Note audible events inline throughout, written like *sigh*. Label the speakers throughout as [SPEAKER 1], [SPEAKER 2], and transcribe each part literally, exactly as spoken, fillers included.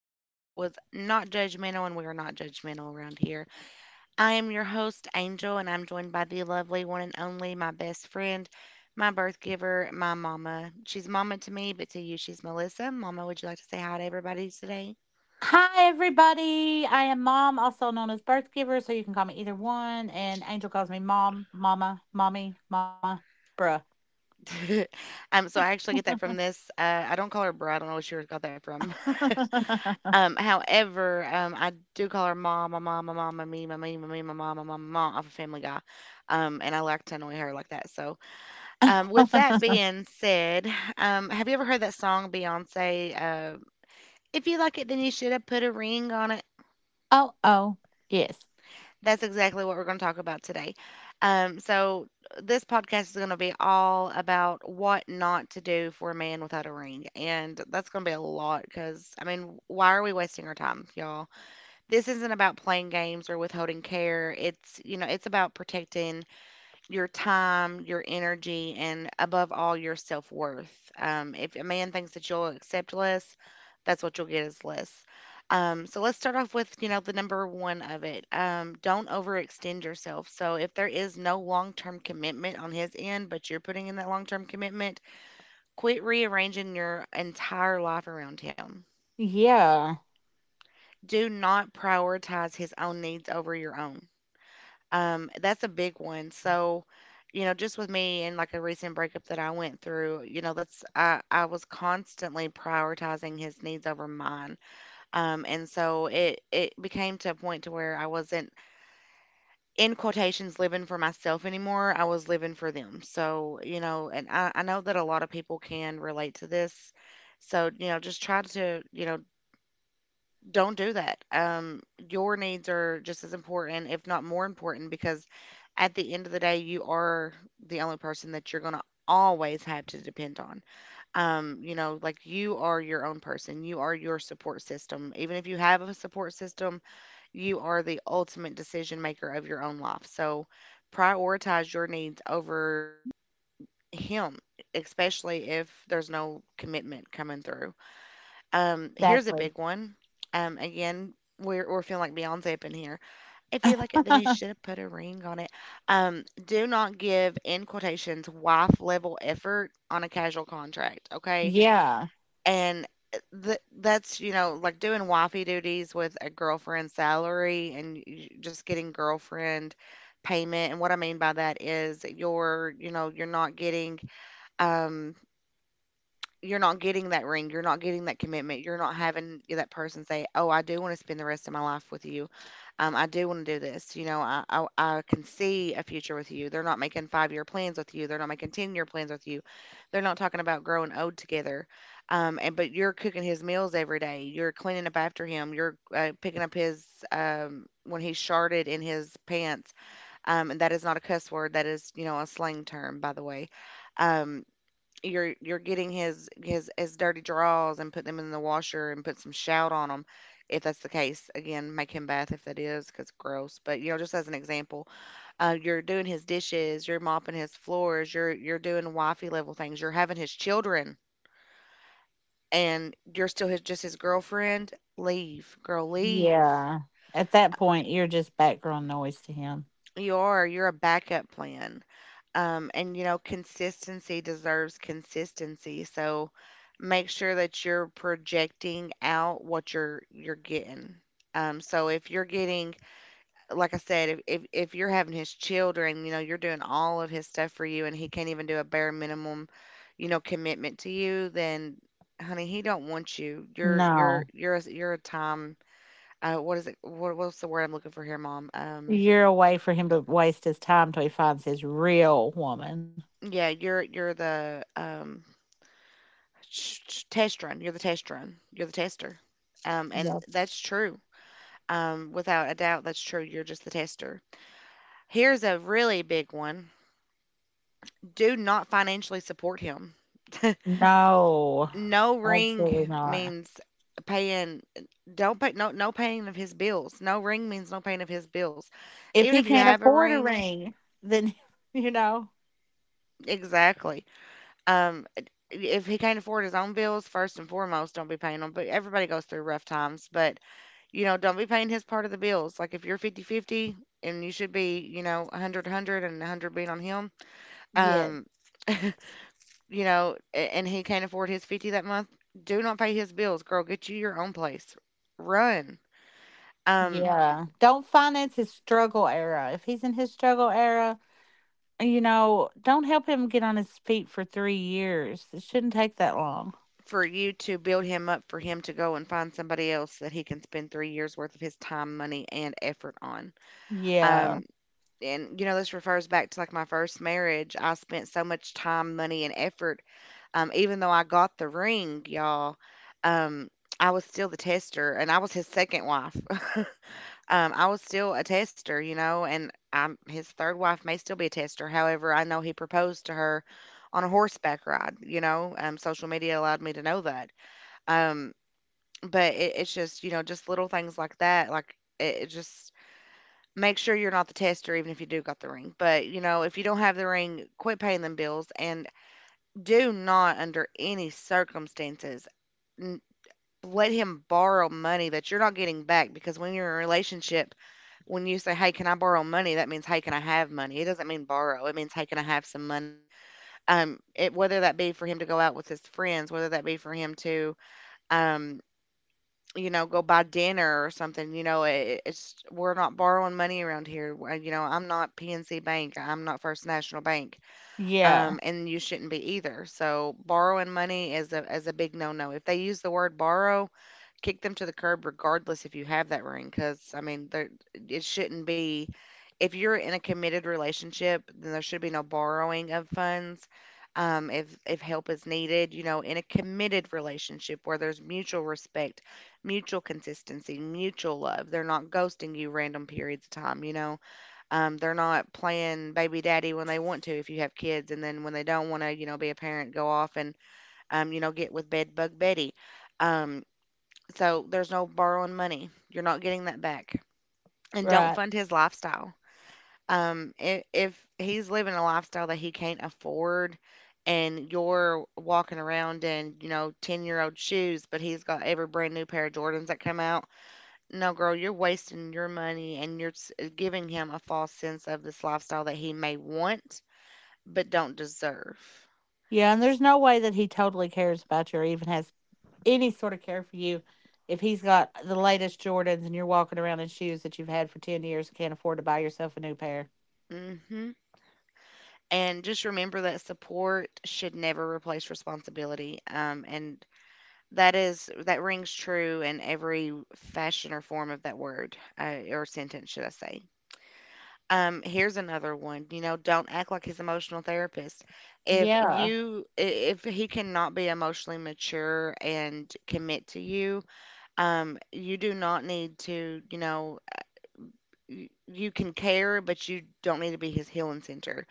[SPEAKER 1] of a name that was not judgmental, and we are not judgmental around here. I am your host, Angel, and I'm joined by the lovely one and only, my best friend, my birth giver, my mama. She's mama to me, but to you, she's Melissa. Mama, would you like to say hi to everybody today?
[SPEAKER 2] Hi, everybody. I am Mom, also known as Birth Giver, so you can call me either one. And Angel calls me Mom, Mama, Mommy, Mama, Bruh.
[SPEAKER 1] *laughs* um, so I actually get that from this. Uh, I don't call her bro. I don't know where she got that from.
[SPEAKER 2] *laughs*
[SPEAKER 1] Um, however, um, I do call her mom, my mom, my mom, my me, my me, my me, my mom, my mom, my mom off of Family Guy. Um, and I like to annoy her like that. So, um, with that being said, *sighs* um, have you ever heard that song Beyonce? Uh, if you like it, then you should have put a ring on it.
[SPEAKER 2] oh, oh, yes.
[SPEAKER 1] That's exactly what we're going to talk about today. Um, so this podcast is going to be all about what not to do for a man without a ring, and that's going to be a lot because I mean, why are we wasting our time, y'all? This isn't about playing games or withholding care. It's, you know, it's about protecting your time, your energy, and above all, your self worth. Um, if a man thinks that you'll accept less, that's what you'll get is less. Um, so let's start off with, you know, the number one of it. Um, don't overextend yourself. So if there is no long term commitment on his end, but you're putting in that long term commitment, quit rearranging your entire life around him.
[SPEAKER 2] Yeah,
[SPEAKER 1] Do not prioritize his own needs over your own. Um, that's a big one. So, you know, just with me and like a recent breakup that I went through, you know, that's I, I was constantly prioritizing his needs over mine. Um, and so it it became to a point to where I wasn't in quotations living for myself anymore. I was living for them. So, you know, and I, I know that a lot of people can relate to this. So, you know, just try to, you know, don't do that. Um, your needs are just as important, if not more important, because at the end of the day, you are the only person that you're going to always have to depend on. Um, you know, like you are your own person, you are your support system. Even if you have a support system, you are the ultimate decision maker of your own life. So prioritize your needs over him, especially if there's no commitment coming through. Um, here's a
[SPEAKER 2] exactly.
[SPEAKER 1] big one. Um, again, we're we're feeling like Beyonce up in here. If you like it, then you should
[SPEAKER 2] *laughs*
[SPEAKER 1] have put a ring on it. Um, do not give in quotations wife level effort on a casual contract, okay?
[SPEAKER 2] yeah,
[SPEAKER 1] And uh, th- that's, you know, like doing wifey duties with a girlfriend salary and y- just getting girlfriend payment. And what I mean by that is you're, you know, you're not getting um you're not getting that ring, you're not getting that commitment, you're not having that person say, "Oh, I do wanna spend the rest of my life with you. Um, I do wanna do this, you know, I I I can see a future with you." They're not making five-year plans with you, they're not making ten-year plans with you. They're not talking about growing old together. Um, and but you're cooking his meals every day, you're cleaning up after him, you're, uh, picking up his, um when he's sharted in his pants, um, and that is not a cuss word, that is, you know, a slang term, by the way. Um you're you're getting his his his dirty drawers and put them in the washer and put some shout on them if that's the case. Again, make him bath if that is, because gross. But, you know, just as an example, uh, you're doing his dishes, you're mopping his floors, you're you're doing wifey level things, you're having his children, and you're still his, just his girlfriend. Leave, girl, leave.
[SPEAKER 2] yeah. At that point, you're just background noise to him.
[SPEAKER 1] You are, you're a backup plan. Um, and you know, consistency deserves consistency. So make sure that you're projecting out what you're you're getting. Um, so if you're getting, like I said, if, if if you're having his children, you know, you're doing all of his stuff for you, and he can't even do a bare minimum, you know, commitment to you, then honey, he don't want you. You're you're
[SPEAKER 2] No,
[SPEAKER 1] you're a, you're a time. Uh, what is it? What, what's the word I'm looking for here, mom? Um,
[SPEAKER 2] you're a way for him to waste his time till he finds his real woman.
[SPEAKER 1] yeah, you're, you're the um Sh- sh- test run. You're the test run. You're the tester. Um, and
[SPEAKER 2] Yep.
[SPEAKER 1] that's true. Um, without a doubt, that's true. You're just the tester. Here's a really big one. Do not financially support him. *laughs*
[SPEAKER 2] No,
[SPEAKER 1] No
[SPEAKER 2] absolutely
[SPEAKER 1] ring
[SPEAKER 2] not.
[SPEAKER 1] means paying. Don't pay. No, no paying of his bills. No ring means no paying of his bills.
[SPEAKER 2] If
[SPEAKER 1] Even if
[SPEAKER 2] he
[SPEAKER 1] you
[SPEAKER 2] can't
[SPEAKER 1] have a
[SPEAKER 2] afford a
[SPEAKER 1] ring,
[SPEAKER 2] ring, then *laughs* you know,
[SPEAKER 1] exactly. Um, if he can't afford his own bills, first and foremost, don't be paying them. But everybody goes through rough times. But you know, don't be paying his part of the bills. Like if you're fifty-fifty, and you should be, you know, 100-100 and one hundred being on him,
[SPEAKER 2] yeah,
[SPEAKER 1] um, *laughs* you know, a- and he can't afford his fifty that month, do not pay his bills, girl. Get you your own place. Run. Um,
[SPEAKER 2] yeah. Don't finance his struggle era. If he's in his struggle era, you know, don't help him get on his feet for three years. It shouldn't take that long.
[SPEAKER 1] for you to build him up, for him to go and find somebody else that he can spend three years worth of his time, money, and effort on.
[SPEAKER 2] Yeah,
[SPEAKER 1] Um, and you know, this refers back to like my first marriage. I spent so much time, money, and effort, um, even though I got the ring, y'all. um, I was still the tester, and I was his second wife. *laughs* um, I was still a tester, you know, and I'm his third wife, may still be a tester. However, I know he proposed to her on a horseback ride, you know. Um, social media allowed me to know that. um, but it, it's just, you know, just little things like that. Like it, it just. Make sure you're not the tester even if you do got the ring, but, you know, if you don't have the ring, quit paying them bills, and do not under any circumstances n let him borrow money that you're not getting back, because when you're in a relationship, when you say, "Hey, can I borrow money?" that means, "Hey, can I have money?" It doesn't mean borrow, it means, "Hey, can I have some money?" Um, it, whether that be for him to go out with his friends, whether that be for him to, um you know, go buy dinner or something, you know, it, it's we're not borrowing money around here. Uh, You know, I'm not P N C Bank. I'm not First National Bank,
[SPEAKER 2] yeah,
[SPEAKER 1] um, and you shouldn't be either. So borrowing money is a is a big no no. If they use the word borrow, kick them to the curb, regardless if you have that ring, because I mean, there it shouldn't be. If you're in a committed relationship, then there should be no borrowing of funds. Um, if if help is needed, you know, in a committed relationship where there's mutual respect, mutual consistency, mutual love, they're not ghosting you random periods of time, you know, um, they're not playing baby daddy when they want to if you have kids, and then when they don't want to, you know, be a parent, go off and, um, you know, get with bed bug Betty. Um, so there's no borrowing money. You're not getting that back. And don't
[SPEAKER 2] right.
[SPEAKER 1] fund his lifestyle. Um, if, if he's living a lifestyle that he can't afford and you're walking around in, you know, ten year old shoes, but he's got every brand new pair of Jordans that come out, no, girl, you're wasting your money, and you're s- giving him a false sense of this lifestyle that he may want but don't deserve.
[SPEAKER 2] Yeah, and there's no way that he totally cares about you or even has any sort of care for you if he's got the latest Jordans and you're walking around in shoes that you've had for ten years and can't afford to buy yourself a new pair.
[SPEAKER 1] Mm-hmm. And just remember that support should never replace responsibility. Um, and that is, that rings true in every fashion or form of that word, uh, or sentence, should I say? Um, here's another one. You know, don't act like his emotional therapist. If
[SPEAKER 2] Yeah,
[SPEAKER 1] you, I- If he cannot be emotionally mature and commit to you, Um, you do not need to, you know, y- you can care, but you don't need to be his healing center.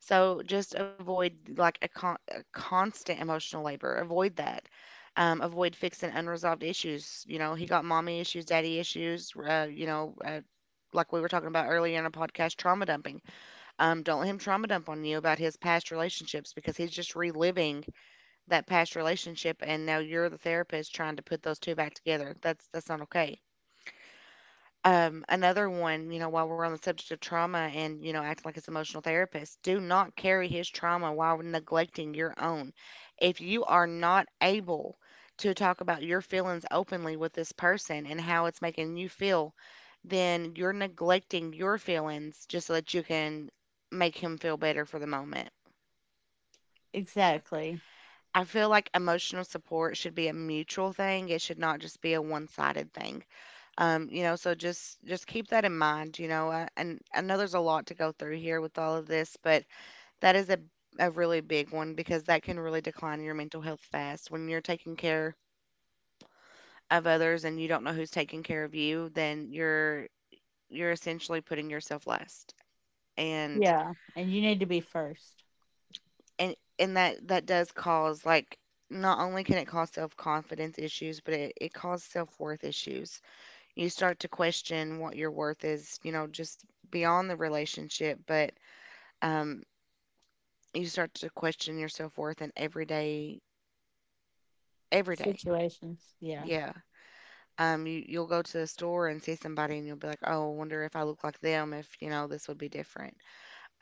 [SPEAKER 1] So just avoid like a, con- a constant emotional labor. Avoid that. Um, avoid fixing unresolved issues. You know, he got mommy issues, daddy issues. Uh, you know, uh, like we were talking about earlier in a podcast, trauma dumping. Um, don't let him trauma dump on you about his past relationships because he's just reliving that past relationship, and now you're the therapist trying to put those two back together. That's that's not okay. Um, another one, you know, while we're on the subject of trauma and, you know, acting like it's emotional therapist, do not carry his trauma while neglecting your own. If you are not able to talk about your feelings openly with this person and how it's making you feel, then you're neglecting your feelings just so that you can make him feel better for the moment.
[SPEAKER 2] exactly.
[SPEAKER 1] I feel like emotional support should be a mutual thing. It should not just be a one sided thing. Um you know, so just just keep that in mind, you know, uh, and I know there's a lot to go through here with all of this, but that is a, a really big one because that can really decline your mental health fast. When you're taking care of others and you don't know who's taking care of you, then you're you're essentially putting yourself last, and
[SPEAKER 2] Yeah, and you need to be first.
[SPEAKER 1] and and that that does cause, like, not only can it cause self-confidence issues, but it, it causes self-worth issues. You start to question what your worth is, you know, just beyond the relationship. But um, you start to question your self worth. And every day, every day,
[SPEAKER 2] Situations. Yeah.
[SPEAKER 1] yeah. Um, you you'll go to the store and see somebody and you'll be like, oh, I wonder if I look like them, if you know this would be different,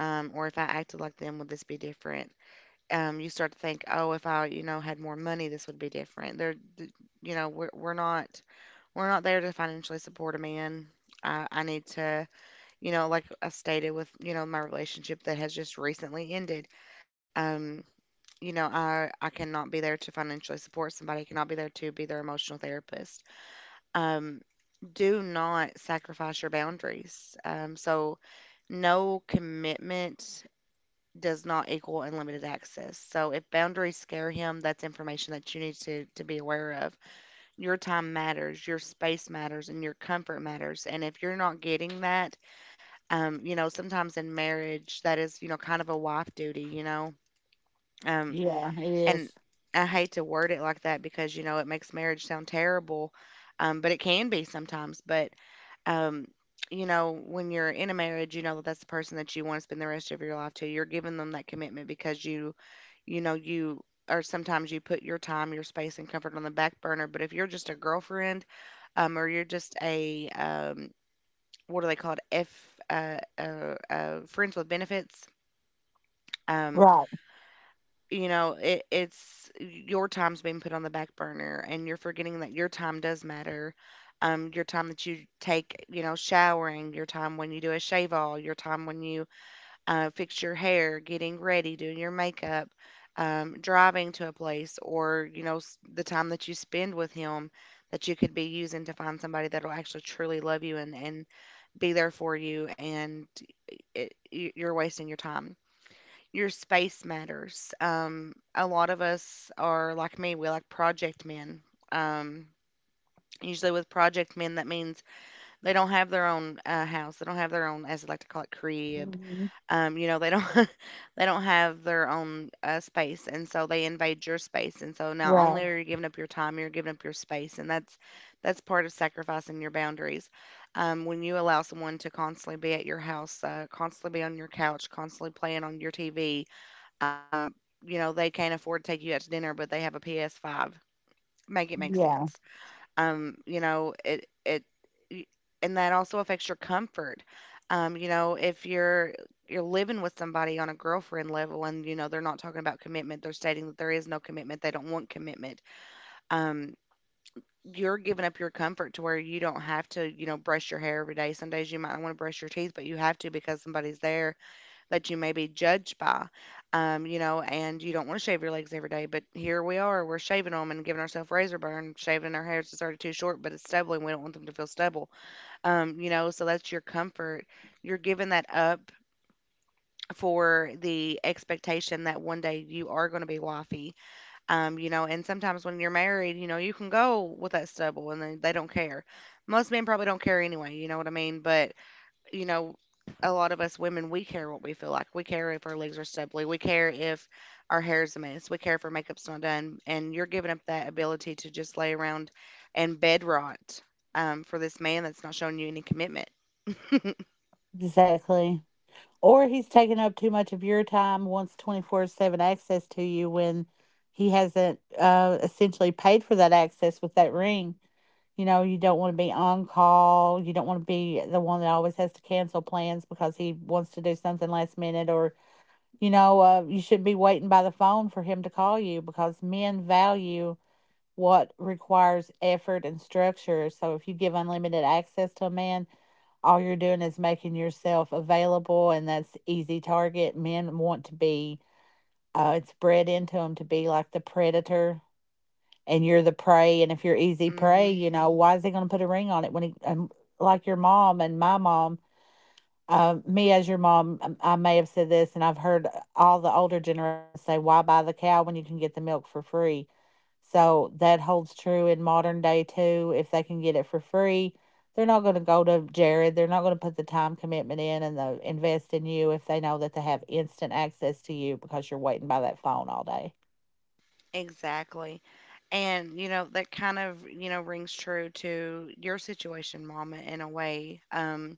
[SPEAKER 1] um, or if I acted like them, would this be different? Um, you start to think, oh, if I, you know, had more money, this would be different. There, th- you know, we're we're not we're not there to financially support a man. I, I need to, you know, like I stated with, you know, my relationship that has just recently ended. Um, you know, I I cannot be there to financially support somebody, I cannot be there to be their emotional therapist. Um, do not sacrifice your boundaries. Um, so no commitment does not equal unlimited access. So if boundaries scare him, that's information that you need to to be aware of. Your time matters, your space matters, and your comfort matters. And if you're not getting that, um, you know, sometimes in marriage that is, you know, kind of a wife duty, you know. Um,
[SPEAKER 2] Yeah, it
[SPEAKER 1] And
[SPEAKER 2] is.
[SPEAKER 1] I hate to word it like that because, you know, it makes marriage sound terrible, um, but it can be sometimes. But, um, you know, when you're in a marriage, you know that that's the person that you want to spend the rest of your life to. You're giving them that commitment because you, you know, you, or sometimes you put your time, your space, and comfort on the back burner. But if you're just a girlfriend, um, or you're just a um, what do they call it? F uh, uh, uh, Friends with benefits. Um,
[SPEAKER 2] Right.
[SPEAKER 1] you know, it, it's your time's being put on the back burner and you're forgetting that your time does matter. Um, your time that you take, you know, showering, your time when you do a shave, all your time when you uh, fix your hair, getting ready, doing your makeup, um, driving to a place, or you know s- the time that you spend with him that you could be using to find somebody that'll actually truly love you, and, and be there for you. And it, y- you're wasting your time. Your space matters. Um, a lot of us are like me, we like project men. Um, Usually, with project men, that means they don't have their own uh, house. They don't have their own, as I like to call it, crib.
[SPEAKER 2] Mhm.
[SPEAKER 1] Um, you know, they don't *laughs* they don't have their own uh, space, and so they invade your space. And so not only
[SPEAKER 2] Right.
[SPEAKER 1] are you giving up your time, you're giving up your space, and that's that's part of sacrificing your boundaries. Um, when you allow someone to constantly be at your house, uh, constantly be on your couch, constantly playing on your T V, um, you know, they can't afford to take you out to dinner, but they have a P S five. Make it make
[SPEAKER 2] Yeah,
[SPEAKER 1] sense. Um, you know, it it y- and that also affects your comfort. Um, you know, if you're you're living with somebody on a girlfriend level and you know they're not talking about commitment, they're stating that there is no commitment, they don't want commitment. Um, you're giving up your comfort to where you don't have to, you know, brush your hair every day. Some days you might not want to brush your teeth, but you have to because somebody's there that you may be judged by, um, you know, and you don't want to shave your legs every day, but here we are, we're shaving them and giving ourselves razor burn, shaving our hairs is already too short, but it's stubble and we don't want them to feel stubble, um, you know, so that's your comfort. You're giving that up for the expectation that one day you are going to be wifey, um, you know, and sometimes when you're married, you know, you can go with that stubble and they, they don't care. Most men probably don't care anyway, you know what I mean? But you know, a lot of us women, we care what we feel like. We care if our legs are stubbly. We care if our hair is a mess. We care if our makeup's not done. And you're giving up that ability to just lay around and bed rot, um, for this man that's not showing you any commitment.
[SPEAKER 2] exactly. Or he's taking up too much of your time, wants twenty-four seven access to you when he hasn't uh, essentially paid for that access with that ring. You know, you don't want to be on call. You don't want to be the one that always has to cancel plans because he wants to do something last minute or You know, uh, you shouldn't be waiting by the phone for him to call you because men value what requires effort and structure. So if you give unlimited access to a man, all you're doing is making yourself available, and that's easy target. Men want to be, uh, it's bred into them to be like the predator, and you're the prey. And if you're easy prey,
[SPEAKER 1] Hmm.
[SPEAKER 2] you know why is he going to put a ring on it when he, um, like your mom and my mom? Uh, me as your mom, um, I may have said this, and I've heard all the older generations say, "Why buy the cow when you can get the milk for free?" So that holds true in modern day too. If they can get it for free, they're not going to go to Jared. They're not going to put the time commitment in and the invest in you if they know that they have instant access to you because you're waiting by that phone all day.
[SPEAKER 1] Exactly. And, you know, that kind of, you know, rings true to your situation, Mama, in a way. Um,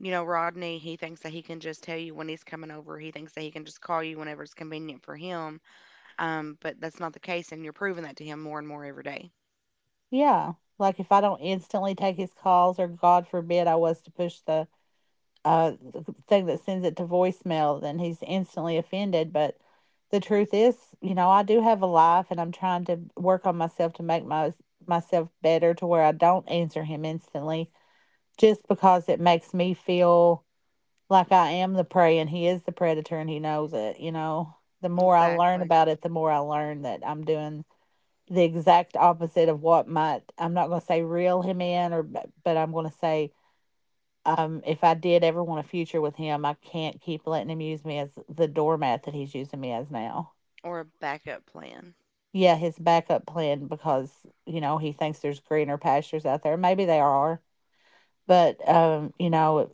[SPEAKER 1] You know, Rodney, he thinks that he can just tell you when he's coming over. He thinks that he can just call you whenever it's convenient for him. Um, but that's not the case, and you're proving that to him more and more every day.
[SPEAKER 2] Yeah, like if I don't instantly take his calls, or God forbid, I was to push the uh, th- thing that sends it to voicemail, then he's instantly offended. But the truth is, you know, I do have a life, and I'm trying to work on myself to make my myself better to where I don't answer him instantly, just because it makes me feel like I am the prey and he is the predator, and he knows it. You know, the more I learn
[SPEAKER 1] Exactly.
[SPEAKER 2] about it, the more I learn that I'm doing the exact opposite of what might I'm not going to say reel him in or b- but I'm going to say um, if I did ever want a future with him, I can't keep letting him use me as the doormat that he's using me as now.
[SPEAKER 1] Or a backup plan.
[SPEAKER 2] Yeah, his backup plan because, you know, he thinks there's greener pastures out there. Maybe they are, but um, you know,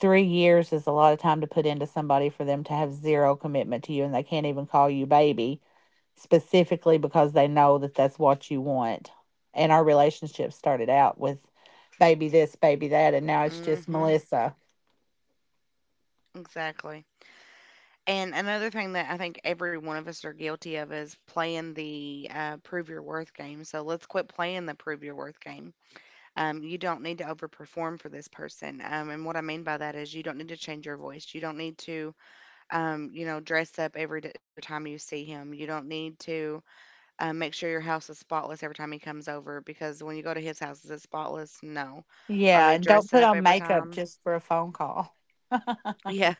[SPEAKER 2] three years is a lot of time to put into somebody for them to have zero commitment to you and they can't even call you baby specifically because they know that that's what you want. And our relationship started out with baby this, baby that, and now it's just
[SPEAKER 1] Hmm.
[SPEAKER 2] Melissa.
[SPEAKER 1] Exactly. And another thing that I think every one of us are guilty of is playing the uh, prove your worth game. So let's quit playing the prove your worth game. Um, you don't need to overperform for this person. Um, and what I mean by that is you don't need to change your voice. You don't need to, um, you know, dress up every d- every time you see him. You don't need to Uh, make sure your house is spotless every time he comes over because when you go to his house, is it spotless? No. Are
[SPEAKER 2] Yeah,
[SPEAKER 1] they
[SPEAKER 2] and don't
[SPEAKER 1] dressing
[SPEAKER 2] put
[SPEAKER 1] up
[SPEAKER 2] on
[SPEAKER 1] every
[SPEAKER 2] makeup
[SPEAKER 1] time?
[SPEAKER 2] just
[SPEAKER 1] *laughs*
[SPEAKER 2] for a phone call. *laughs* I
[SPEAKER 1] Yeah.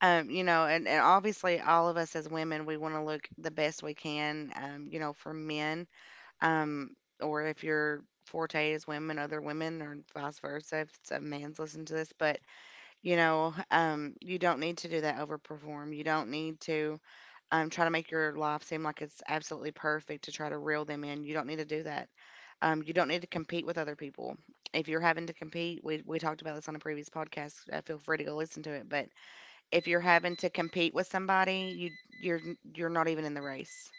[SPEAKER 1] Um, you know, and, and obviously all of us as women, we want to look the best we can, um, you know, for men. Um, or if your forte is women, other women, or vice versa, if it's a man's listening to this. But, you know, um, you don't need to do that overperform. You don't need to, um, try to make your life seem like it's absolutely perfect to try to reel them in. You don't need to do that. Um, you don't need to compete with other people. If you're having to compete, we, we talked about this on a previous podcast. Uh, feel free to go listen to it. But if you're having to compete with somebody, you you're you're not even in the race.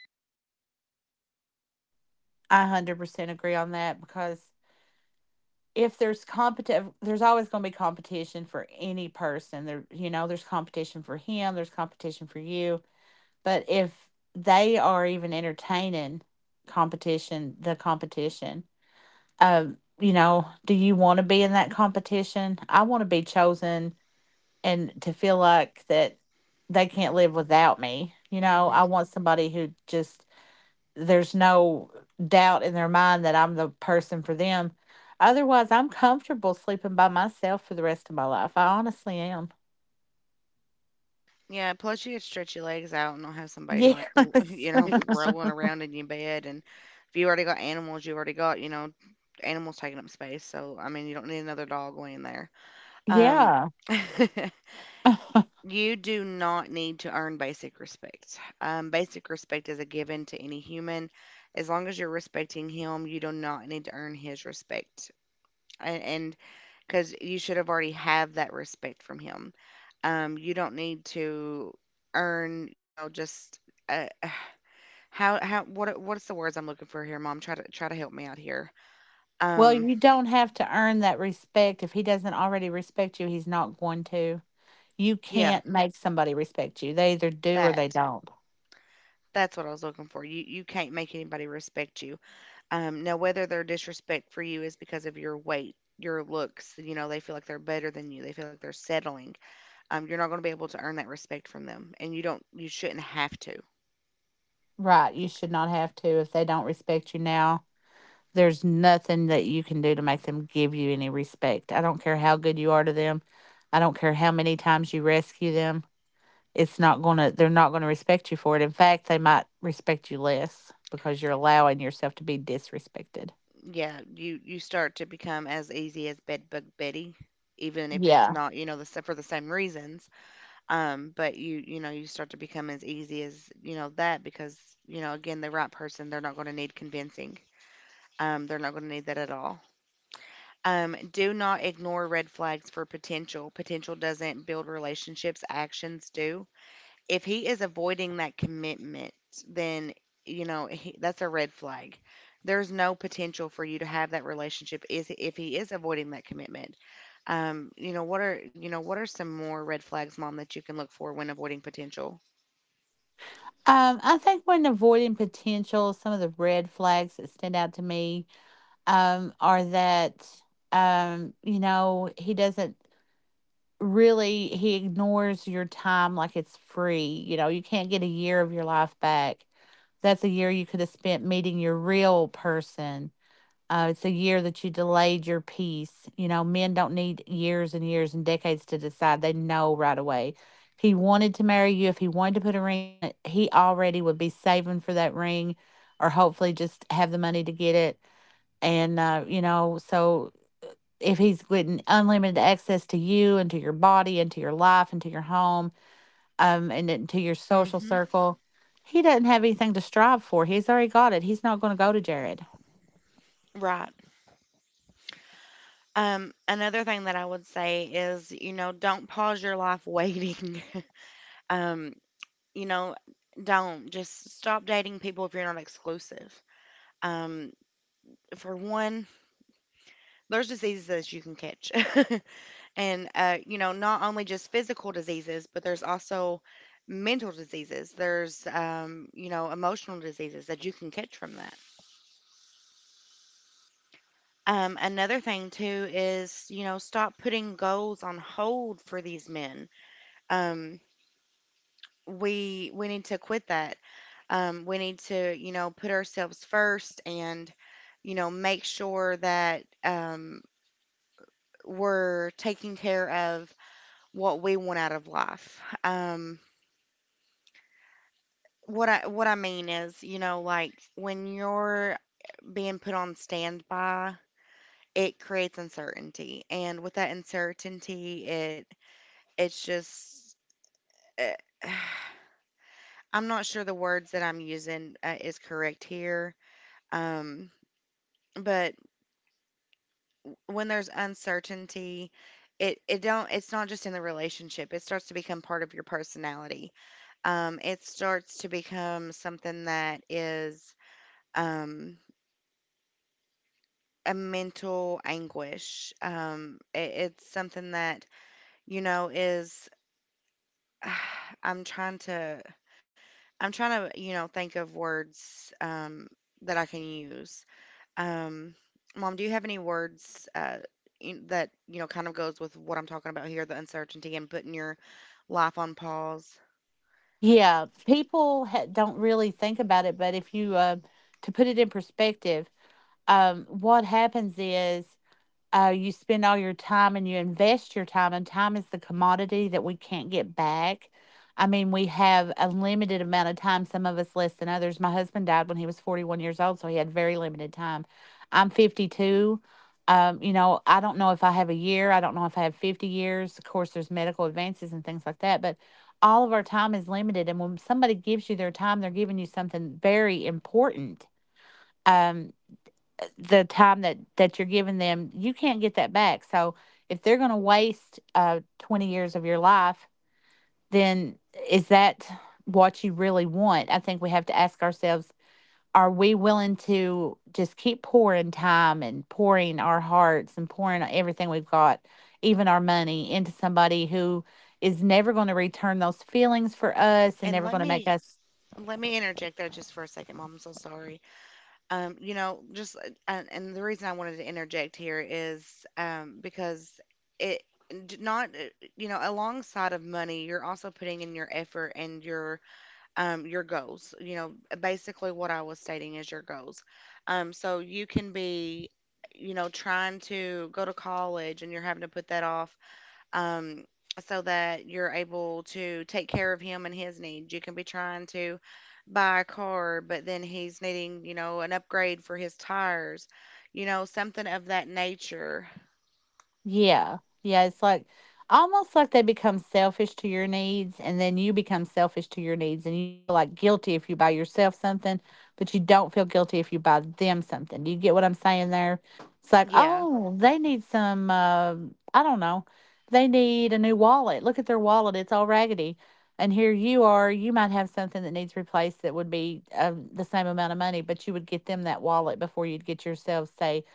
[SPEAKER 2] one hundred percent agree on that because if there's competitive, there's always going to be competition for any person. There, you know, there's competition for him, there's competition for you. But if they are even entertaining competition, the competition, um, you know, do you want to be in that competition? I want to be chosen and to feel like that they can't
[SPEAKER 1] Mm-hmm.
[SPEAKER 2] live without me. You know, I
[SPEAKER 1] Mm-hmm.
[SPEAKER 2] want somebody who just there's no doubt in their mind that I'm the person for them. Otherwise, I'm comfortable sleeping by myself for the rest of my life. I honestly am.
[SPEAKER 1] Yeah. Plus, you could stretch your legs out and not have somebody
[SPEAKER 2] Yes.
[SPEAKER 1] like l- *laughs* you know, rolling around in your bed. And if you already got animals, you already got, you know, animals taking up space. So I mean, you don't need another dog laying there.
[SPEAKER 2] *laughs*
[SPEAKER 1] Um,
[SPEAKER 2] yeah.
[SPEAKER 1] *laughs*
[SPEAKER 2] *laughs*
[SPEAKER 1] you do not need to earn basic respect. Um, basic respect is a given to any human. As long as you're respecting him, you do not need to earn his respect. A- And because you should have already have that respect from him. Um, you don't need to earn, you know, just uh, *sighs* how how what what's the words I'm looking for here, Mom? Try to try to help me out here.
[SPEAKER 2] well,
[SPEAKER 1] Um,
[SPEAKER 2] you don't have to earn that respect. If he doesn't already respect you, he's not going to. You
[SPEAKER 1] yeah,
[SPEAKER 2] can't make somebody respect you. They either do or they
[SPEAKER 1] that
[SPEAKER 2] don't.
[SPEAKER 1] that's what I was looking for. You you can't make anybody respect you. Um, now whether their disrespect for you is because of your weight, your looks, you know, they feel like they're better than you. They feel like they're settling. Um, you're not going to be able to earn that respect from them, and you don't, you shouldn't have to.
[SPEAKER 2] Right. You should not have to if they don't respect you now. There's nothing that you can do to make them give you any respect. I don't care how good you are to them. I don't care how many times you rescue them. It's not going to, they're not going to respect you for it. In fact, they might respect you less because you're allowing yourself to be disrespected.
[SPEAKER 1] Yeah, you you start to become as easy as bedbug Betty, even if it's
[SPEAKER 2] Yeah.
[SPEAKER 1] not, you know, the sa- for the same reasons. Um, but you you know you start to become as easy as you know that because you know again, the right person, they're not going to need convincing. Um, they're not going to need that at all. Um, do not ignore red flags for potential. Potential doesn't build relationships, actions do. If he is avoiding that commitment, then, you know, he, that's a red flag. There's no potential for you to have that relationship is if he is avoiding that commitment. Um, you know, what are, you know, what are some more red flags, mom, that you can look for when avoiding potential?
[SPEAKER 2] Um, I think when avoiding potential, some of the red flags that stand out to me um, are that, um, you know, he doesn't really he ignores your time like it's free. You know, you can't get a year of your life back. That's a year you could have spent meeting your real person. Uh, it's a year that you delayed your peace. You know, men don't need years and years and decades to decide. They know right away. If he wanted to marry you, if he wanted to put a ring on it, he already would be saving for that ring or hopefully just have the money to get it. And, uh, you know, so if he's getting unlimited access to you and to your body and to your life and to your home um, and then to your social
[SPEAKER 1] Mm-hmm.
[SPEAKER 2] circle, he doesn't have anything to strive for. He's already got it. He's not going to go to Jared.
[SPEAKER 1] Right. Um, another thing that I would say is, you know, don't pause your life waiting. *laughs* Um, You know, don't just stop dating people if you're not exclusive. Um, for one, there's diseases that you can catch, *laughs* and uh, you know, not only just physical diseases, but there's also mental diseases. There's um, you know, emotional diseases that you can catch from that. Um, another thing too is, you know, stop putting goals on hold for these men. Um, we we need to quit that. Um, we need to, you know, put ourselves first, and, you know, make sure that um, we're taking care of what we want out of life. Um, what I what I mean is, you know, like when you're being put on standby, it creates uncertainty, and with that uncertainty, it it's just uh, *sighs* I'm not sure the words that I'm using uh, is correct here. Um, but when there's uncertainty, it it don't it's not just in the relationship. It starts to become part of your personality. Um, it starts to become something that is um, a mental anguish. Um, it, it's something that you know is. *sighs* I'm trying to I'm trying to you know think of words um, that I can use. Um, Mom, do you have any words uh, in, that you know kind of goes with what I'm talking about here, the uncertainty and putting your life on pause?
[SPEAKER 2] Yeah, people ha- don't really think about it, but if you, uh, to put it in perspective, um, what happens is uh, you spend all your time and you invest your time, and time is the commodity that we can't get back. I mean, we have a limited amount of time, some of us less than others. My husband died when he was forty-one years old, so he had very limited time. I'm fifty-two. Um, you know, I don't know if I have a year. I don't know if I have fifty years. Of course, there's medical advances and things like that, but all of our time is limited. And when somebody gives you their time, they're giving you something very important. Um, the time that that you're giving them you can't get that back. So if they're going to waste uh twenty years of your life, then is that what you really want? I think we have to ask ourselves, are we willing to just keep pouring time and pouring our hearts and pouring everything we've got, even our money, into somebody who is never going to return those feelings for us and
[SPEAKER 1] And
[SPEAKER 2] never
[SPEAKER 1] let
[SPEAKER 2] going to make
[SPEAKER 1] me
[SPEAKER 2] us
[SPEAKER 1] let me interject there just for a second, Mom. I'm so sorry. Um, you know, just uh, and, and the reason I wanted to interject here is um, because it d- not uh, you know alongside of money, you're also putting in your effort and your um, your goals. You know, basically what I was stating is your goals. Um, so you can be, you know, trying to go to college and you're having to put that off um, so that you're able to take care of him and his needs. You can be trying to buy a car, but then he's needing, you know, an upgrade for his tires, you know, something of that nature.
[SPEAKER 2] Yeah. Yeah, it's like almost like they become selfish to your needs and then you become selfish to your needs and you feel like guilty if you buy yourself something, but you don't feel guilty if you buy them something. Do you get what I'm saying there? It's like,
[SPEAKER 1] Yeah,
[SPEAKER 2] "Oh, they need some uh, I don't know. They need a new wallet. Look at their wallet. It's all raggedy." And here you are, you might have something that needs replaced that would be um, the same amount of money, but you would get them that wallet before you'd get yourself, say,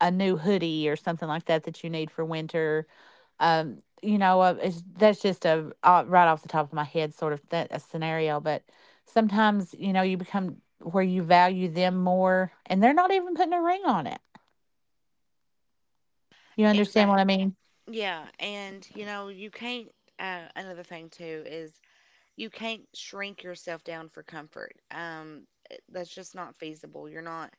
[SPEAKER 2] a new hoodie or something like that that you need for winter. Um, you know, uh, it's, that's just a uh, right off the top of my head sort of th- a scenario. But sometimes, you know, you become where you value them more, and they're not even putting a ring on it. You understand
[SPEAKER 1] exact.
[SPEAKER 2] what I mean?
[SPEAKER 1] Yeah, and you know, you can't. Uh, another thing too is you can't shrink yourself down for comfort. Um, eh, that's just not feasible. You're not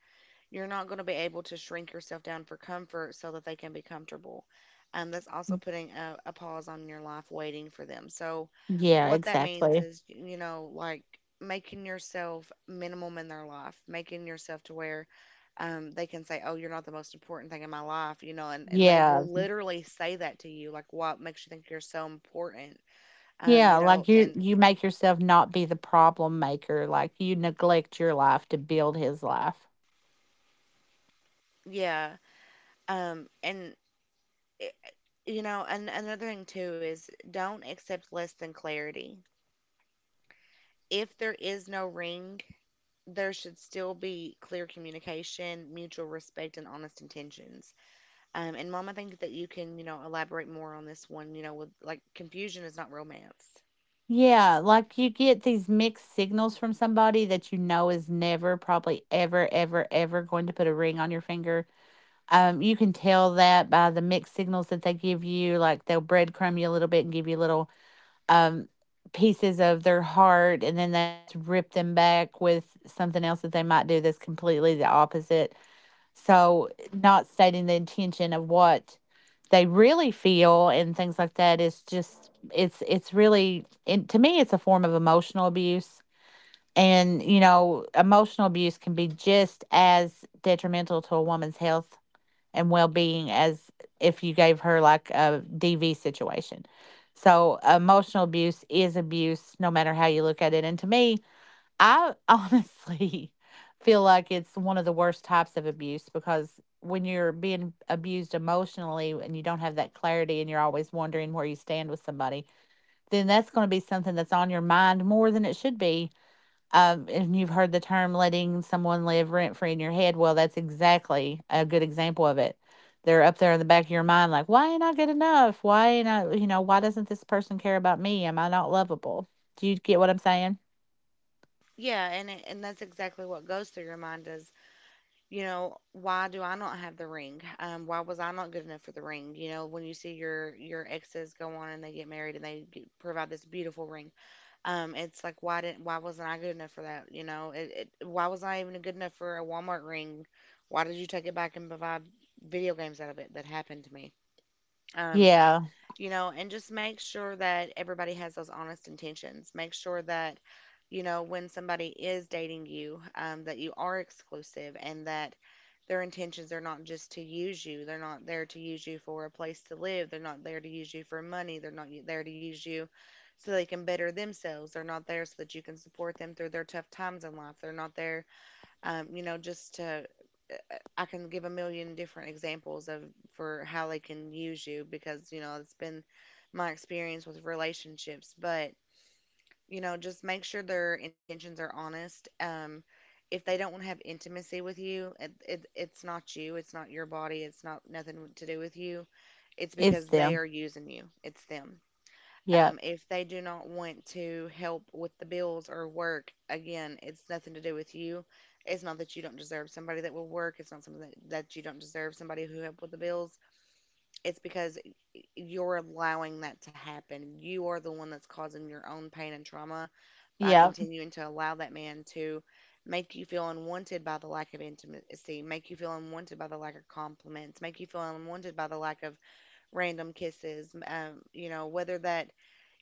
[SPEAKER 1] you're not going to be able to shrink yourself down for comfort so that they can be comfortable. Um, that's also putting a, a pause on your life waiting for them. So
[SPEAKER 2] Yeah,
[SPEAKER 1] what that means
[SPEAKER 2] exactly.
[SPEAKER 1] is, you know like making yourself minimum in their life, making yourself to where um, they can say, "Oh, you're not the most important thing in my life," you know, and, and they
[SPEAKER 2] Yeah,
[SPEAKER 1] will literally say that to you, like, "What makes you think you're so important?" Um,
[SPEAKER 2] yeah.
[SPEAKER 1] you know,
[SPEAKER 2] Like you,
[SPEAKER 1] and
[SPEAKER 2] you make yourself not be the problem maker. Like you neglect your life to build his life.
[SPEAKER 1] yeah. Um, and eh, you know, and another thing too is don't accept less than clarity. If there is no ring, there should still be clear communication, mutual respect, and honest intentions. Um, and Mom, I think that you can, you know, elaborate more on this one. You know, with like confusion is not romance.
[SPEAKER 2] Yeah, like, you get these mixed signals from somebody that you know is never, probably ever, ever, ever going to put a ring on your finger. Um, you can tell that by the mixed signals that they give you, like, they'll breadcrumb you a little bit and give you little, um, pieces of their heart, and then they just rip them back with something else that they might do that's completely the opposite. So, not stating the intention of what they really feel and things like that is just it's it's really it, to me it's a form of emotional abuse, and you know emotional abuse can be just as detrimental to a woman's health and well-being as if you gave her like a D V situation. So emotional abuse is abuse no matter how you look at it, and to me I honestly *laughs* feel like it's one of the worst types of abuse, because when you're being abused emotionally and you don't have that clarity and you're always wondering where you stand with somebody, then that's going to be something that's on your mind more than it should be. Um, and you've heard the term letting someone live rent free in your head. Well, that's exactly a good example of it. They're up there in the back of your mind, like, why ain't I good enough? Why ain't I, you know, why doesn't this person care about me? Am I not lovable? Do you get what I'm saying?
[SPEAKER 1] Yeah, and it- and that's exactly what goes through your mind is, you know, why do I not have the ring? Um, why was I not good enough for the ring? You know, when you see your your exes go on and they get married and they get, provide this beautiful ring. Um, it's like, why didn't, why wasn't I good enough for that? You know, it, it why was I even good enough for a Walmart ring? Why did you take it back and provide video games out of it? That happened to me. Um,
[SPEAKER 2] Yeah,
[SPEAKER 1] you know, and just make sure that everybody has those honest intentions. Make sure that, you know, when somebody is dating you, um, that you are exclusive and that their intentions are not just to use you. They're not there to use you for a place to live. They're not there to use you for money. They're not there to use you so they can better themselves. They're not there so that you can support them through their tough times in life. They're not there um, you know, just to I can give a million different examples of for how they can use you, because you know it's been my experience with relationships. But you know just make sure their intentions are honest. Um, if they don't want to have intimacy with you, it, it, it's not you, it's not your body, it's not nothing to do with you. It's
[SPEAKER 2] it's
[SPEAKER 1] because they are
[SPEAKER 2] them.
[SPEAKER 1] using you. It's them.
[SPEAKER 2] Yeah,
[SPEAKER 1] Um, if they do not want to help with the bills or work, again, it's nothing to do with you. It's not that you don't deserve somebody that will work. It's not something that, that you don't deserve somebody who helped with the bills. It's because you're allowing that to happen. You are the one that's causing your own pain and trauma by
[SPEAKER 2] yeah,
[SPEAKER 1] continuing to allow that man to make you feel unwanted by the lack of intimacy, make you feel unwanted by the lack of compliments, make you feel unwanted by the lack of random kisses. Um, you know, whether that,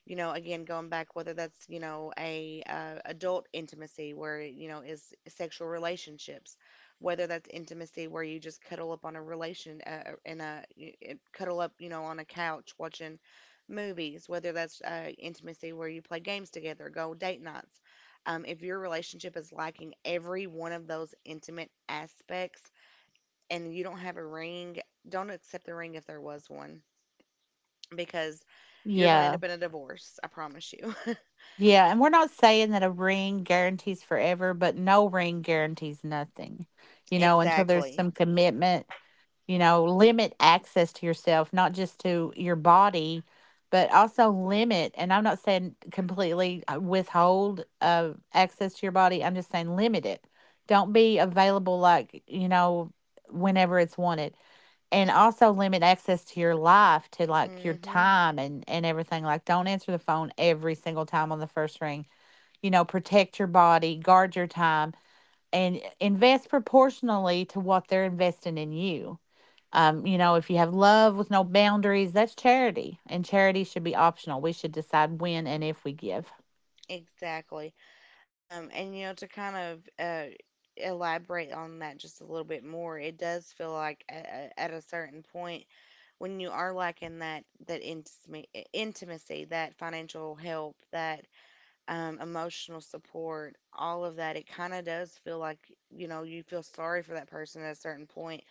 [SPEAKER 1] you know again going back, whether that's you know a uh, adult intimacy where you know is sexual relationships, whether that's intimacy where you just cuddle up on a relation uh, in a y- y- cuddle up you know on a couch watching movies, whether that's uh, intimacy where you play games together, go date nights, um, if your relationship is lacking every one of those intimate aspects, and you don't have a ring, don't accept the ring if there was one, because you're going to end
[SPEAKER 2] yeah.
[SPEAKER 1] up in a divorce. I promise you. *laughs*
[SPEAKER 2] Yeah, and we're not saying that a ring guarantees forever, but no ring guarantees nothing. You know, until there's
[SPEAKER 1] Exactly.
[SPEAKER 2] some commitment, you know, limit access to yourself, not just to your body, but also limit. And I'm not saying completely uh, withhold uh, access to your body. I'm just saying limit it. Don't be available like, you know, whenever it's wanted, and also limit access to your life, to like your
[SPEAKER 1] Mm. hmm
[SPEAKER 2] time and and everything. Like don't answer the phone every single time on the first ring. You know, protect your body, guard your time, and invest proportionally to what they're investing in you. um you know, if you have love with no boundaries, that's charity, and charity should be optional. We should decide when and if we give.
[SPEAKER 1] Exactly. Um, and you know, to kind of uh, elaborate on that just a little bit more, it does feel like at, at a certain point, when you are lacking that that intimacy, intimacy, that financial help, that um, emotional support, all of that, it kind of does feel like, you know you feel sorry for that person at a certain point,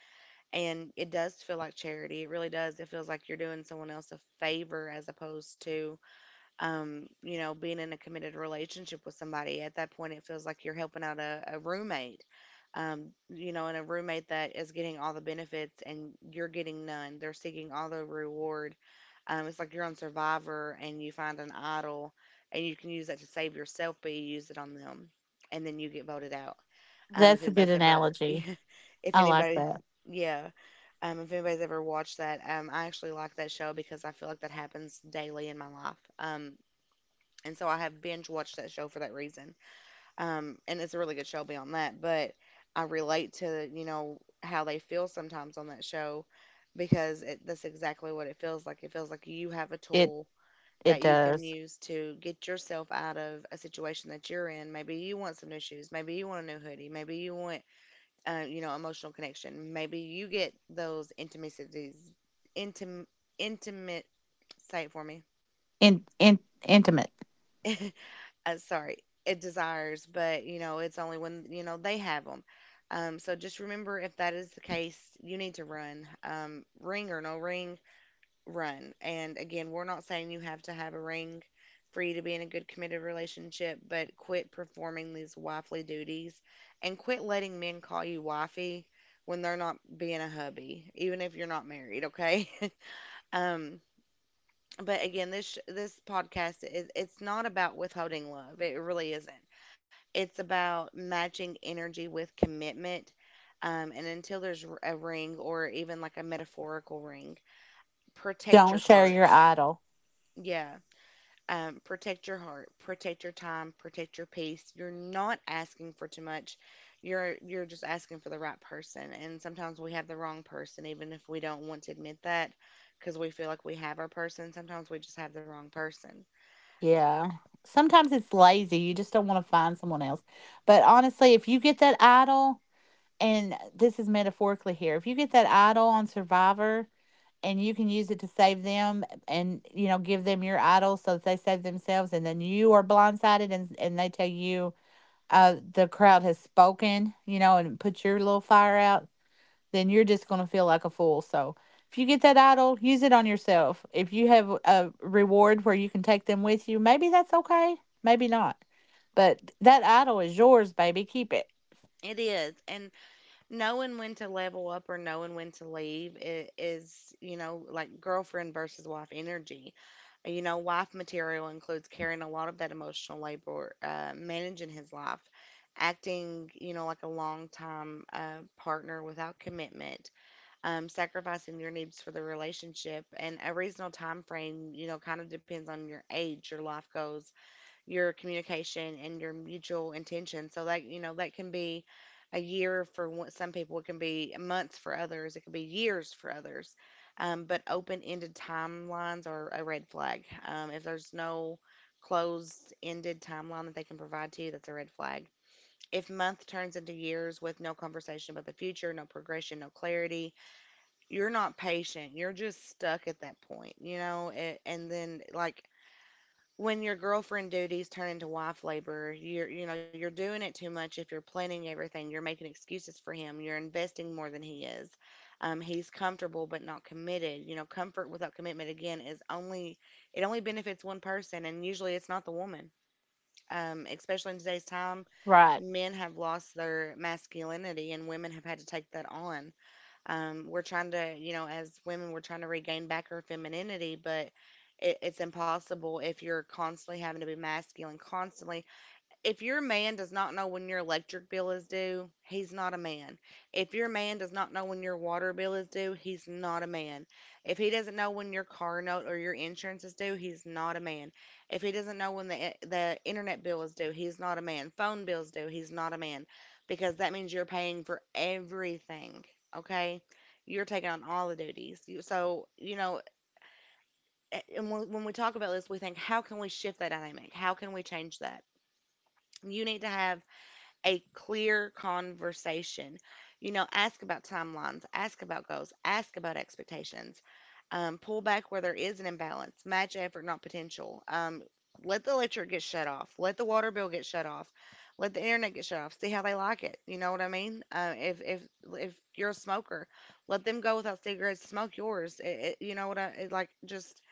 [SPEAKER 1] and it does feel like charity. It really does. It feels like you're doing someone else a favor as opposed to um, you know, being in a committed relationship with somebody. At that point, it feels like you're helping out a, a roommate, um, you know, and a roommate that is getting all the benefits and you're getting none. They're seeking all the reward. Um, it's like you're on Survivor and you find an idol, and you can use that to save yourself, but you use it on them and then you get voted out. Um, if
[SPEAKER 2] That's a good
[SPEAKER 1] anybody's ever,
[SPEAKER 2] analogy.
[SPEAKER 1] *laughs* if
[SPEAKER 2] I like
[SPEAKER 1] anybody,
[SPEAKER 2] that.
[SPEAKER 1] yeah. Um, if anybody's ever watched that, um, I actually like that show because I feel like that happens daily in my life. Um, and so I have binge watched that show for that reason. Um, and it's a really good show beyond that, but I relate to you know how they feel sometimes on that show, because it, that's exactly what it feels like. It feels like you have a
[SPEAKER 2] it
[SPEAKER 1] tool
[SPEAKER 2] it
[SPEAKER 1] that you can
[SPEAKER 2] does.
[SPEAKER 1] use to get yourself out of a situation that you're in. Maybe you want some new shoes. Maybe you want a new hoodie. Maybe you want uh, you know emotional connection. Maybe you get those intimacies, intim, intimate. Say it for me.
[SPEAKER 2] In in intimate.
[SPEAKER 1] *laughs* uh, sorry, it desires, but you know, it's only when you know they have them. Um, so just remember, if that is the case, you need to run. Um, ring or no ring, run. And again, we're not saying you have to have a ring for you to be in a good committed relationship, but quit performing these wifely duties and quit letting men call you wifey when they're not being a hubby, even if you're not married. Okay. *laughs* um, but again, this sh- this podcast is, it's not about withholding love. It really isn't. It's about matching energy with commitment. Um, and until there's r- a ring or even like a metaphorical ring, protect your
[SPEAKER 2] Don't share your
[SPEAKER 1] heart.
[SPEAKER 2] idol.
[SPEAKER 1] Yeah. Um, protect your heart, protect your time, protect your peace. You're not asking for too much. You're you're just asking for the right person. And sometimes we have the wrong person, even if we don't want to admit that, because we feel like we have our person. Sometimes we just have the wrong person.
[SPEAKER 2] Yeah. Sometimes it's lazy, you just don't wanna find someone else. But, honestly, if you get that idol, and this is metaphorically here, if you get that idol on Survivor and you can use it to save them and, you know, give them your idol so that they save themselves, and then you are blindsided and and they tell you, uh, "The crowd has spoken," you know, and put your little fire out, then you're just going to feel like a fool. So if you get that idol, use it on yourself. If you have a reward where you can take them with you, maybe that's okay, maybe not. But that idol is yours, baby. Keep it.
[SPEAKER 1] It is. And knowing when to level up or knowing when to leave i- is, you know, like girlfriend versus wife energy. You know, wife material includes carrying a lot of that emotional labor, uh, managing his life, acting, you know, like a long time uh, partner without commitment, um, sacrificing your needs for the relationship, and a reasonable time frame, you know, kind of depends on your age, your life goals, your communication and your mutual intention. So that, you know, that can be a year for one- some people, it can be months for others, it can be years for others. Um, but open-ended timelines are a red flag. Um, if there's no closed-ended timeline that they can provide to you, that's a red flag. If month turns into years with no conversation about the future, no progression, no clarity, you're not patient. You're just stuck at that point, you know. a- And then, like, when your girlfriend duties turn into wife labor, you're, you know, you're doing it too much if you're planning everything, you're making excuses for him, you're investing more than he is. Um, he's comfortable but not committed. You know, comfort without commitment again is only it only benefits one person and usually it's not the woman. Um, especially in today's time,
[SPEAKER 2] Right,
[SPEAKER 1] men have lost their masculinity and women have had to take that on. Um, we're trying to, you know, as women, we're trying to regain back our femininity, but it, it's impossible if you're constantly having to be masculine, constantly if your man does not know when your electric bill is due, he's not a man. If your man does not know when your water bill is due, he's not a man. If he doesn't know when your car note or your insurance is due, he's not a man. If he doesn't know when the the internet bill is due, he's not a man. Phone bill's due, he's not a man because that means you're paying for everything, okay? You're taking on all the duties. So, you know, and when we talk about this, we think, how can we shift that dynamic? How can we change that? You need to have a clear conversation. You know, ask about timelines, ask about goals, ask about expectations, um, pull back where there is an imbalance, match effort, not potential. Um, let the electric get shut off, let the water bill get shut off, let the internet get shut off. See how they like it. You know what I mean? Uh, if if if you're a smoker, let them go without cigarettes, smoke yours. It, it, you know what I it, like? Just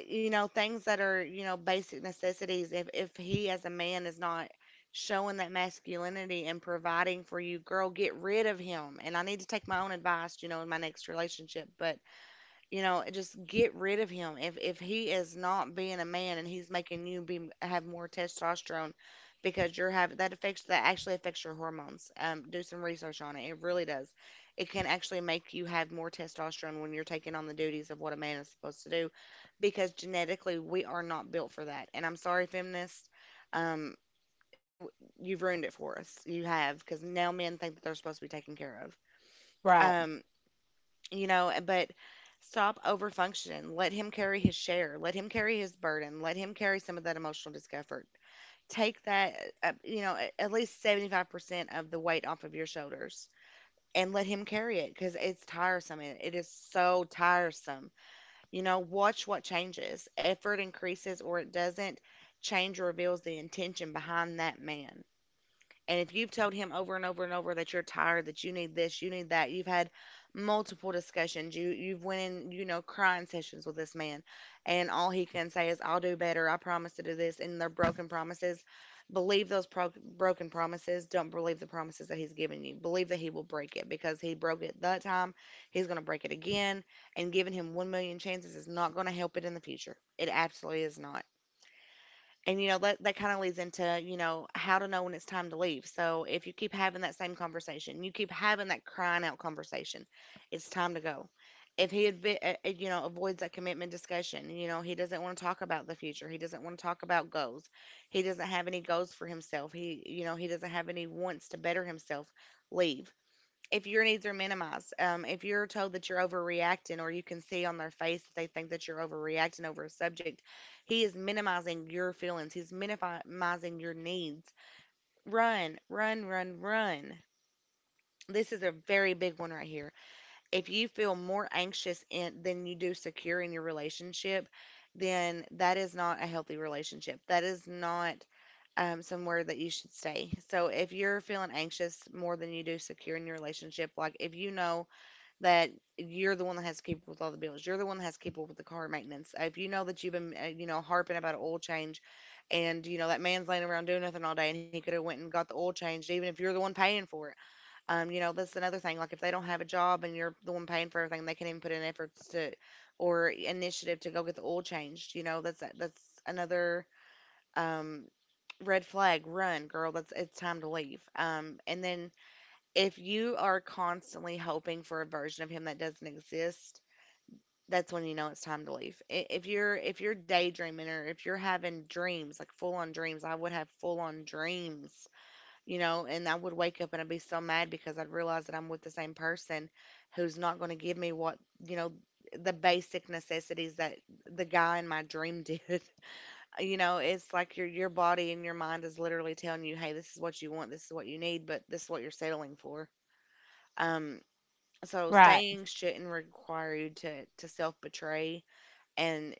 [SPEAKER 1] uh, you know, things that are, you know, basic necessities. if if he as a man is not showing that masculinity and providing for you, girl, get rid of him. And I need to take my own advice, you know, in my next relationship. But you know, just get rid of him. If if he is not being a man and he's making you be have more testosterone because you're having that affects that actually affects your hormones. Um, do some research on it. It really does. It can actually make you have more testosterone when you're taking on the duties of what a man is supposed to do because genetically we are not built for that. And I'm sorry, feminists. Um, w- you've ruined it for us. You have, because now men think that they're supposed to be taken care of.
[SPEAKER 2] right,
[SPEAKER 1] Um, you know eh, but stop over functioning. Let him carry his share, let him carry his burden, let him carry some of that emotional discomfort. Take that, uh, you know, a- at least seventy-five percent of the weight off of your shoulders, and let him carry it, because it's tiresome and it is so tiresome. You know, watch what changes. Effort increases or it doesn't. Change reveals the intention behind that man. And if you've told him over and over and over that you're tired, that you need this, you need that, you've had multiple discussions, you you've went in, you know, crying sessions with this man, and all he can say is, "I'll do better. I promise to do this." And they're broken promises. Believe those pro- broken promises. Don't believe the promises that he's given you. Believe that he will break it because he broke it that time. He's going to break it again. And giving him 1 million chances is not going to help it in the future. It absolutely is not. And, you know, that that kind of leads into, you know, how to know when it's time to leave. So if you keep having that same conversation, you keep having that crying out conversation, it's time to go. If he advi- uh, uh, you know, avoids that commitment discussion, you know, he doesn't want to talk about the future. He doesn't want to talk about goals. He doesn't have any goals for himself. He, you know, he doesn't have any wants to better himself. Leave if your needs are minimized, um, if you're told that you're overreacting, or you can see on their face that they think that you're overreacting over a subject, he is minimizing your feelings. He's minimizing your needs. Run, run, run, run. This is a very big one right here. If you feel more anxious in, than you do secure in your relationship, then that is not a healthy relationship. That is not um, somewhere that you should stay. So if you're feeling anxious more than you do secure in your relationship, like if you know that you're the one that has to keep up with all the bills. You're the one that has to keep up with the car maintenance. If you know that you've been, uh, you know, harping about an oil change, and you know that man's laying around doing nothing all day, and he could have went and got the oil changed, even if you're the one paying for it. Um, you know, that's another thing. Like if they don't have a job and you're the one paying for everything, they can't even put in efforts to or initiative to go get the oil changed. You know, that's that's another um red flag. Run, girl. That's It's time to leave. Um, and then if you are constantly hoping for a version of him that doesn't exist, that's when you know it's time to leave. I- If you're if you're daydreaming or if you're having dreams, like full on dreams, I would have full on dreams, you know, and I would wake up and I'd be so mad because I'd realize that I'm with the same person who's not going to give me what, you know, the basic necessities that the guy in my dream did. *laughs* You know, it's like your your body and your mind is literally telling you, "Hey, this is what you want, this is what you need, but this is what you're settling for." Um so
[SPEAKER 2] right.
[SPEAKER 1] staying shouldn't require you to to self betray, and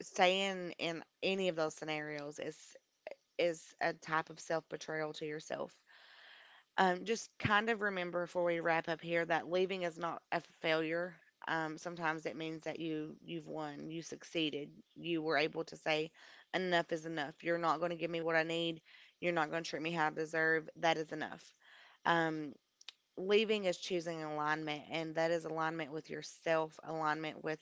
[SPEAKER 1] staying in any of those scenarios is is a type of self betrayal to yourself. Um, just kind of remember before we wrap up here that leaving is not a failure. Um, sometimes it means that you you've won, you succeeded, you were able to say enough is enough. You're not going to give me what I need. You're not going to treat me how I deserve. That is enough. Um, Leaving is choosing alignment, and that is alignment with yourself, alignment with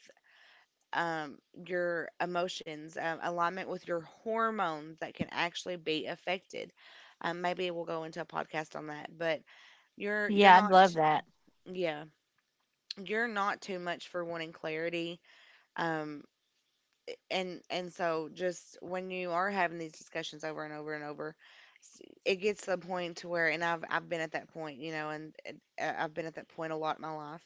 [SPEAKER 1] um, your emotions, um, alignment with your hormones that can actually be affected. Um, maybe we'll go into a podcast on that, but you're you're
[SPEAKER 2] Yeah, I'd
[SPEAKER 1] not
[SPEAKER 2] love
[SPEAKER 1] t-
[SPEAKER 2] that.
[SPEAKER 1] yeah, you're not too much for wanting clarity. Um, and and so just when you are having these discussions over and over and over s- it gets to the point to where, and I've I've been at that point, you know, and, and I- I've been at that point a lot in my life,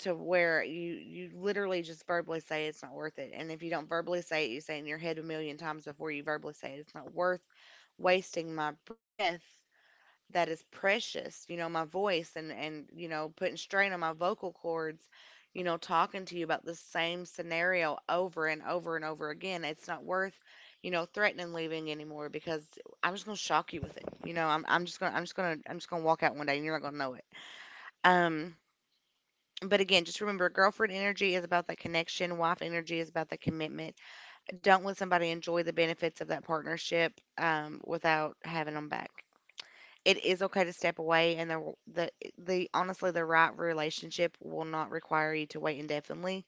[SPEAKER 1] to where you you literally just verbally say it's not worth it. And if you don't verbally say it, you say it in your head a million times before you verbally say it. It's not worth wasting my breath that is precious, you know, my voice, and and you know, putting strain on my vocal cords, you know, talking to you about the same scenario over and over and over again. It's not worth, you know, threatening leaving anymore, because I'm just going to shock you with it. You know, I'm I'm just going to I'm just going to I'm just going to walk out one day and you're not going to know it. Um but again, just remember, girlfriend energy is about that connection, wife energy is about the commitment. Don't let somebody enjoy the benefits of that partnership um, without having them back. It is okay to step away, and the, the the honestly the right relationship will not require you to wait indefinitely.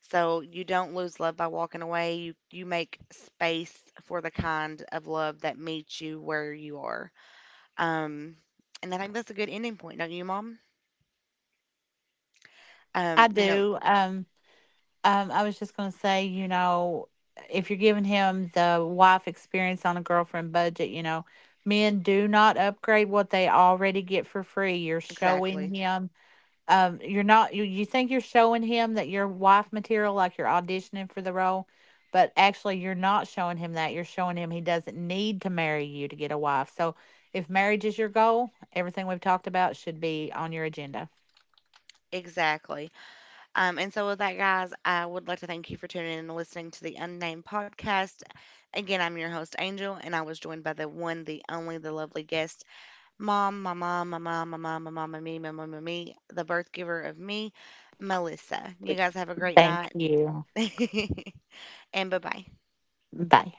[SPEAKER 1] So you don't lose love by walking away. You you make space for the kind of love that meets you where you are. Um, and I think that's a good ending point, don't you, Mom?
[SPEAKER 2] I
[SPEAKER 1] Um, you know
[SPEAKER 2] do. Um, um, I was just going to say, you know, if you're giving him the wife experience on a girlfriend budget, you know, men do not upgrade what they already get for free. You're
[SPEAKER 1] exactly,
[SPEAKER 2] showing him Um, you're not you you think you're showing him that you're wife material, like you're auditioning for the role, but actually you're not showing him that. You're showing him he doesn't need to marry you to get a wife. So if marriage is your goal, everything we've talked about should be on your agenda.
[SPEAKER 1] exactly. Um, and so, with that, guys, I would like to thank you for tuning in and listening to the Unnamed Podcast. Again, I'm your host, Angel, and I was joined by the one, the only, the lovely guest, Mom. My mom, my mom, my mom, my mom, mama, me, my mom, my me, the birth giver of me, Melissa. You guys have a great
[SPEAKER 3] Thank
[SPEAKER 1] night,
[SPEAKER 3] you.
[SPEAKER 1] *laughs* and bye bye.
[SPEAKER 3] Bye.